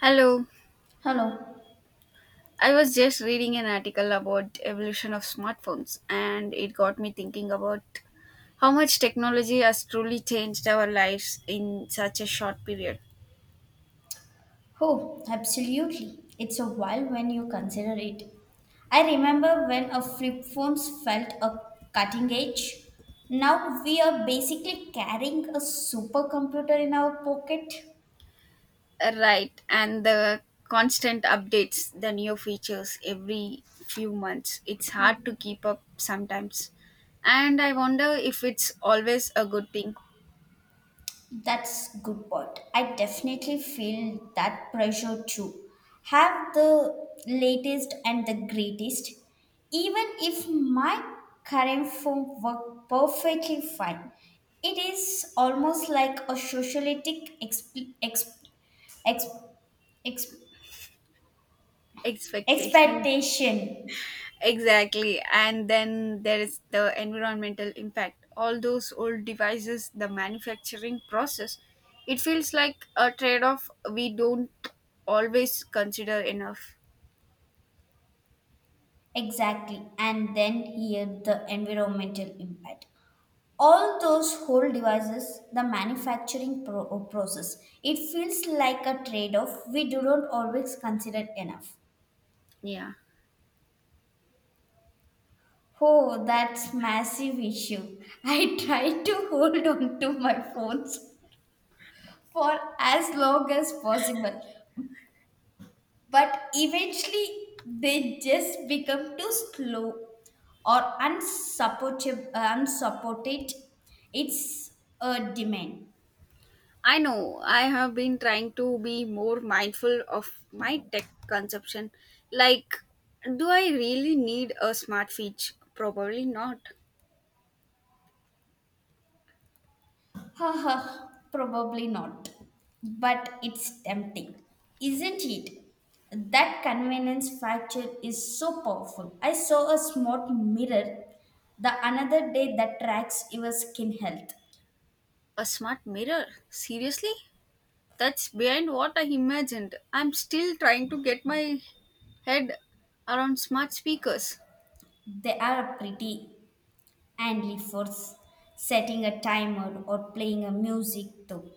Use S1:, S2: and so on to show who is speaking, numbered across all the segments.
S1: Hello.
S2: Hello.
S1: I was just reading an article about evolution of smartphones and it got me thinking about how much technology has truly changed our lives in such a short period.
S2: Oh, absolutely. It's a while when you consider it. I remember when our flip phones felt a cutting edge. Now we are basically carrying a supercomputer in our pocket.
S1: Right, and the constant updates, the new features every few months. It's hard to keep up sometimes. And I wonder if it's always a good thing.
S2: That's good point. I definitely feel that pressure too. Have the latest and the greatest, even if my current form work perfectly fine. It is almost like a socialistic exp- exp-
S1: Expectation.
S2: expectation.
S1: Exactly. And then there is the environmental impact. All those old devices, the manufacturing process, it feels like a trade off we don't always consider enough.
S2: Exactly, and then here the environmental impact. All those whole devices, the manufacturing process. It feels like a trade off we do not always consider enough.
S1: Yeah.
S2: Oh, that's massive issue. I try to hold on to my phones for as long as possible, but eventually they just become too slow or unsupportable unsupported. It's a demand.
S1: I know I have been trying to be more mindful of my tech consumption. Like, do I really need a smart fridge? Probably not.
S2: Haha, probably not. But it's tempting, isn't it? That convenience factor is so powerful. I saw a smart mirror the another day that tracks your skin health.
S1: A smart mirror? Seriously? That's behind what I imagined. I'm still trying to get my head around smart speakers.
S2: They are pretty handy for setting a timer or playing a music too.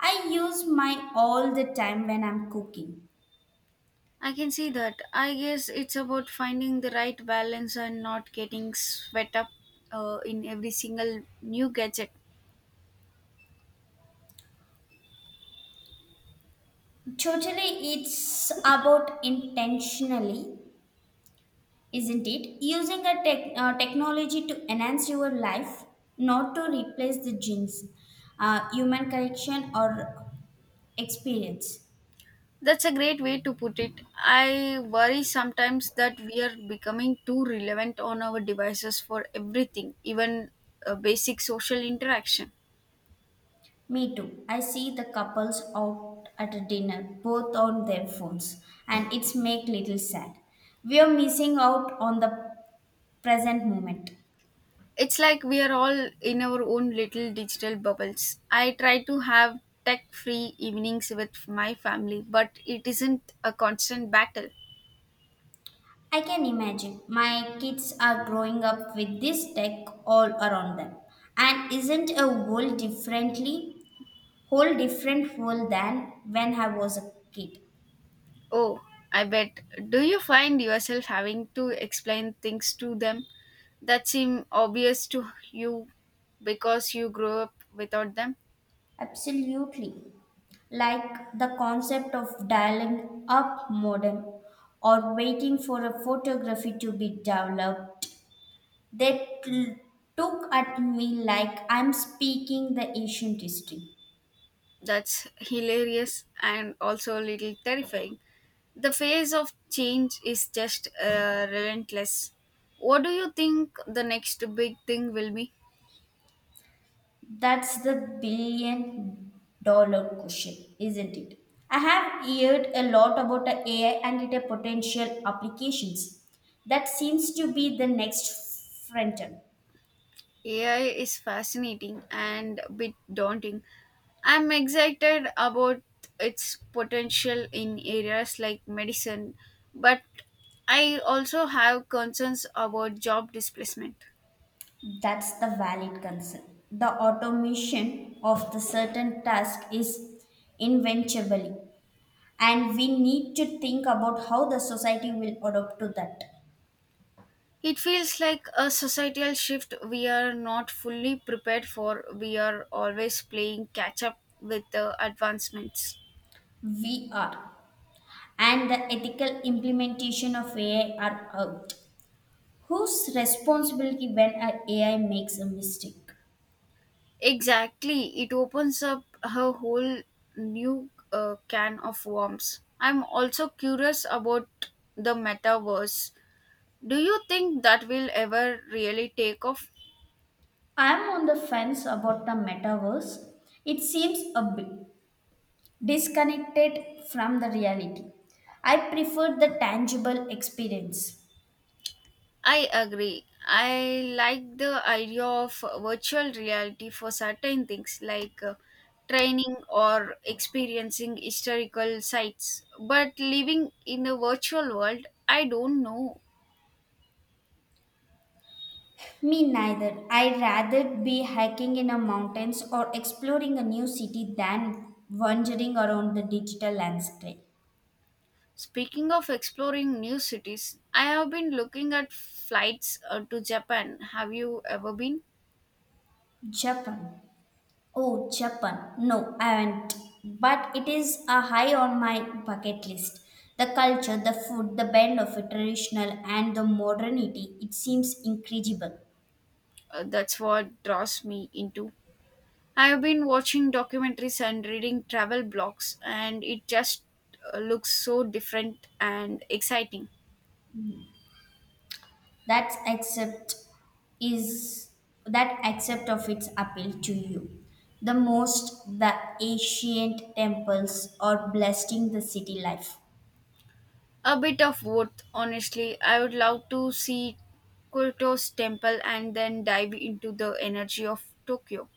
S2: I use mine all the time when I'm cooking.
S1: I can see that. I guess it's about finding the right balance and not getting swept up in every single new gadget.
S2: Totally, it's about intentionally isn't it? Using a technology to enhance your life, not to replace the genes, human connection, or experience.
S1: That's a great way to put it. I worry sometimes that we are becoming too relevant on our devices for everything, even basic social interaction.
S2: Me too. I see the couples out at a dinner, both on their phones, and it's make little sad. We are missing out on the present moment.
S1: It's like we are all in our own little digital bubbles. I try to have tech free evenings with my family, but it isn't a constant battle.
S2: I can imagine my kids are growing up with this tech all around them, and isn't a world differently whole different world than when I was a kid.
S1: Oh, I bet. Do you find yourself having to explain things to them that seem obvious to you because you grew up without them?
S2: Absolutely. Like the concept of dialing up modem or waiting for a photography to be developed. They t- Took at me like I'm speaking the ancient history.
S1: That's hilarious and also a little terrifying. The phase of change is just relentless. What do you think the next big thing will be?
S2: That's the billion dollar question, isn't it? I have heard a lot about the AI and its potential applications. That seems to be the next frontier.
S1: AI is fascinating and a bit daunting. I'm excited about its potential in areas like medicine, but I also have concerns about job displacement.
S2: That's the valid concern. The automation of the certain task is inventively, and we need to think about how the society will adopt to that.
S1: It feels like a societal shift we are not fully prepared for. We are always playing catch up with the advancements.
S2: We are, and the ethical implementation of AI are out. Whose responsibility when an a AI makes a mistake?
S1: Exactly, it opens up a whole new can of worms. I'm also curious about the metaverse. Do you think that will ever really take off?
S2: I'm on the fence about the metaverse. It seems a bit disconnected from the reality. I prefer the tangible experience.
S1: I agree. I like the idea of virtual reality for certain things like training or experiencing historical sites. But living in a virtual world, I don't know.
S2: Me neither. I'd rather be hiking in the mountains or exploring a new city than wandering around the digital landscape.
S1: Speaking of exploring new cities, I have been looking at flights to Japan. Have you ever been?
S2: Japan. Oh, Japan. No, I haven't. But it is a high on my bucket list. The culture, the food, the blend of traditional and the modernity, it seems incredible.
S1: That's what draws me into I've been watching documentaries and reading travel blogs, and it just looks so different and exciting.
S2: That's accept is that accept of its appeal to you, the most, the ancient temples are blessing the city life.
S1: A bit of both, honestly. I would love to see Kyoto's temple and then dive into the energy of Tokyo.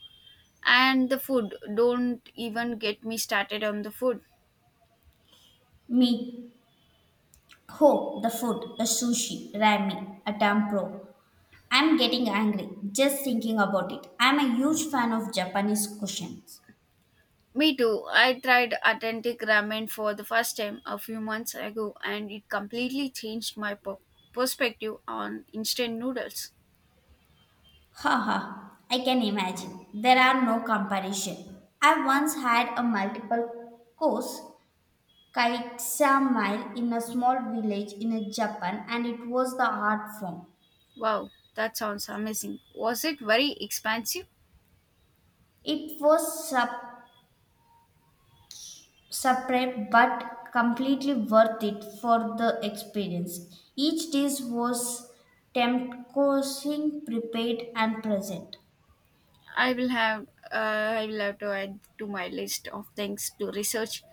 S1: And the food, don't even get me started on the food.
S2: Meat ho, the food, a sushi, ramen, a tampro. I'm getting angry just thinking about it. I'm a huge fan of japanese cuisines.
S1: Me too. I tried authentic ramen for the first time a few months ago, and it completely changed my perspective on instant noodles.
S2: Haha, I can imagine. There are no comparison. I once had a multiple course Kaitsamile in a small village in a Japan, and it was the art form.
S1: Wow, that sounds amazing. Was it very expansive?
S2: It was sup- Separate but completely worth it for the experience. Each dish was tempting, prepared and present.
S1: I will have I will have to add to my list of things to research.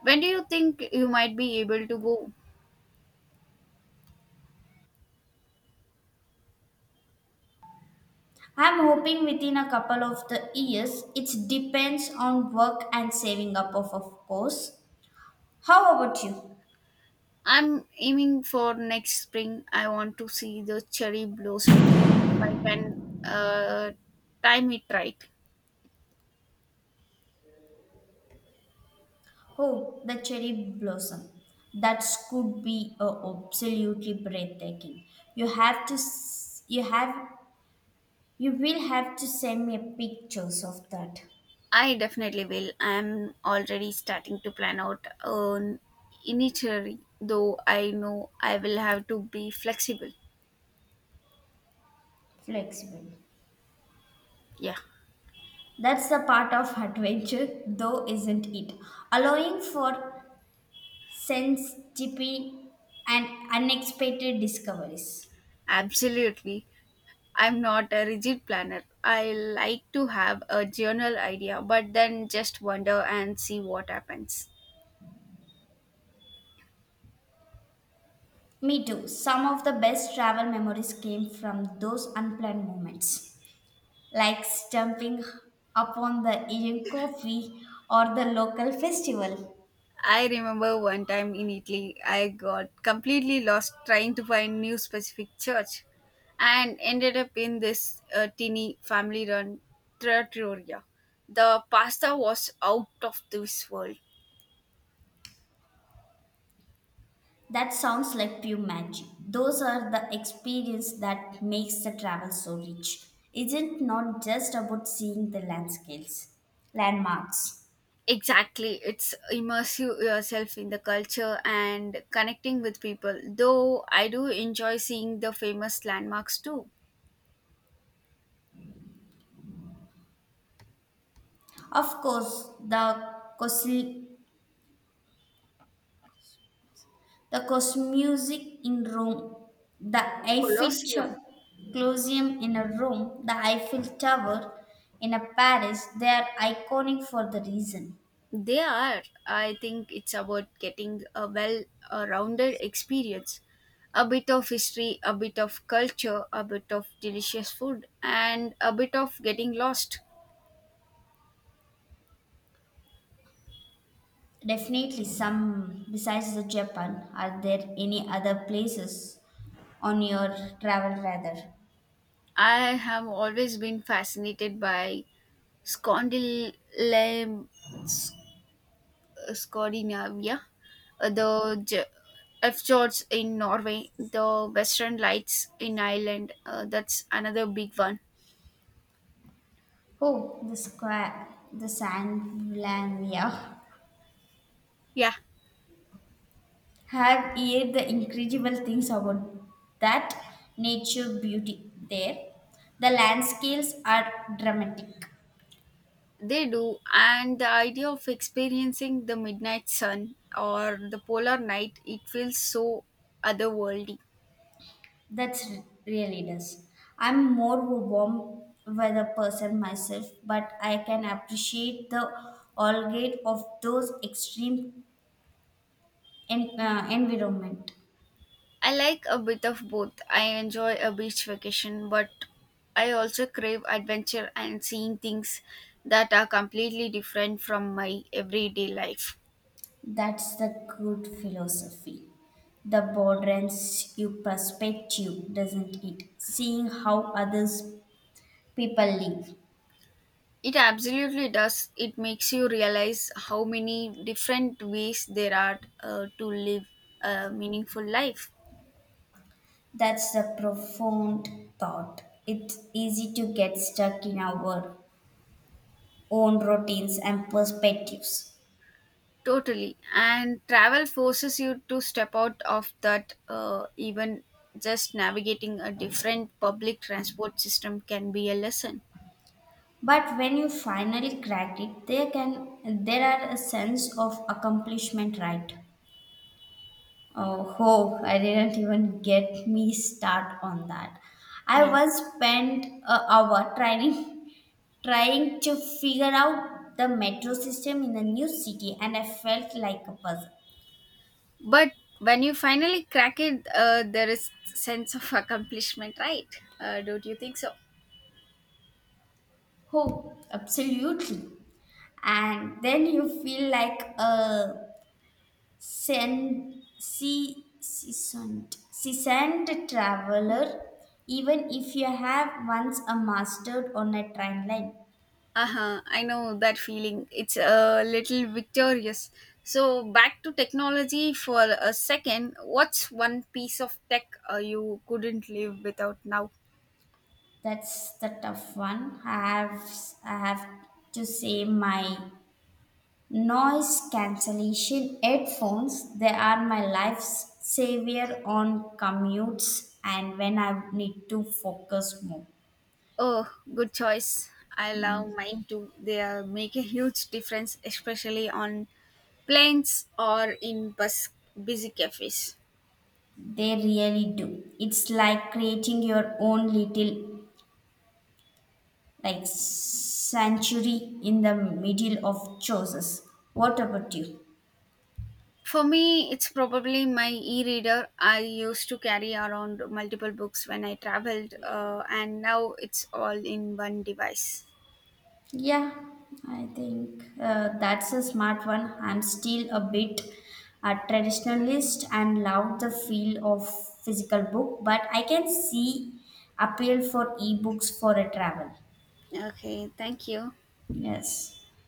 S1: When do you think you might be able to go?
S2: I'm hoping within a couple of the years. It depends on work and saving up of course. How about you?
S1: I'm aiming for next spring. I want to see the cherry blossoms if I can uh, time it right.
S2: Oh, the cherry blossom. That could be absolutely breathtaking. You have to, s- you have, you will have to send me pictures of that.
S1: I definitely will. I'm already starting to plan out an initially, though I know I will have to be flexible.
S2: Flexible.
S1: Yeah,
S2: That's the part of adventure, though, isn't it? Allowing for sensitivity and unexpected discoveries.
S1: absolutely. I'm not a rigid planner. I like to have a general idea, but then just wander and see what happens.
S2: Me too. Some of the best travel memories came from those unplanned moments. Like stumping upon the Indian coffee or the local festival.
S1: I remember one time in Italy, I got completely lost trying to find new specific church and ended up in this teeny family run trattoria. The pasta was out of this world.
S2: That sounds like pure magic. Those are the experience that makes the travel so rich. Isn't not just about seeing the landscapes, landmarks.
S1: Exactly. It's immersive yourself in the culture and connecting with people. Though I do enjoy seeing the famous landmarks too.
S2: Of course, the Cosmusic in Rome, the Eiffel
S1: Colosseum.
S2: Cho- Colosseum in a Rome, the Eiffel Tower in a Paris, they are iconic for the reason.
S1: They are. I think it's about getting a well rounded experience. A bit of history, a bit of culture, a bit of delicious food, and a bit of getting lost.
S2: Definitely some besides the Japan. Are there any other places on your travel rather?
S1: I have always been fascinated by scondyl Scandinavia, uh, the J- fjords in Norway, the Western Lights in Ireland. That's another big one.
S2: Oh, the square, the Sandlandia.
S1: Yeah,
S2: Have heard the incredible things about that nature beauty there. The landscapes are dramatic.
S1: they do. And the idea of experiencing the midnight sun or the polar night, it feels so otherworldly.
S2: Really does. I'm more warm weather person myself, but I can appreciate the all gate of those extreme environment.
S1: I like a bit of both. I enjoy a beach vacation, but I also crave adventure and seeing things that are completely different from my everyday life.
S2: That's the good philosophy. The broadens your perspective, doesn't it? Seeing how others people live.
S1: It absolutely does. It makes you realize how many different ways there are to live a meaningful life.
S2: That's a profound thought. It's easy to get stuck in our own routines and perspectives.
S1: Totally. And travel forces you to step out of that, even just navigating a different public transport system can be a lesson.
S2: But when you finally crack it, there can there are a sense of accomplishment, right? Oh, oh, I didn't even get me start on that. I
S1: Yeah.
S2: once spent an hour trying to figure out the metro system in a new city, and I felt like a puzzle.
S1: But when you finally crack it, there is sense of accomplishment, right? Don't you think so?
S2: Oh, absolutely. And then you feel like a seasoned traveler, even if you have once a mastered on a train line.
S1: Uh-huh. I know that feeling, it's a little victorious. So back to technology for a second, what's one piece of tech you couldn't live without now?
S2: That's the tough one. I have to say my noise cancellation headphones. They are my life's savior on commutes and when I need to focus more.
S1: Oh, good choice. I love mine too, they make a huge difference, especially on planes or in busy cafes.
S2: They really do. It's like creating your own little like sanctuary in the middle of choices. What about you?
S1: For me, it's probably my e reader. I used to carry around multiple books when I traveled, and now it's all in one device.
S2: Yeah, I think that's a smart one. I'm still a bit a traditionalist and love the feel of physical book, but I can see appeal for ebooks for a travel.
S1: Okay, thank you.
S2: Yes.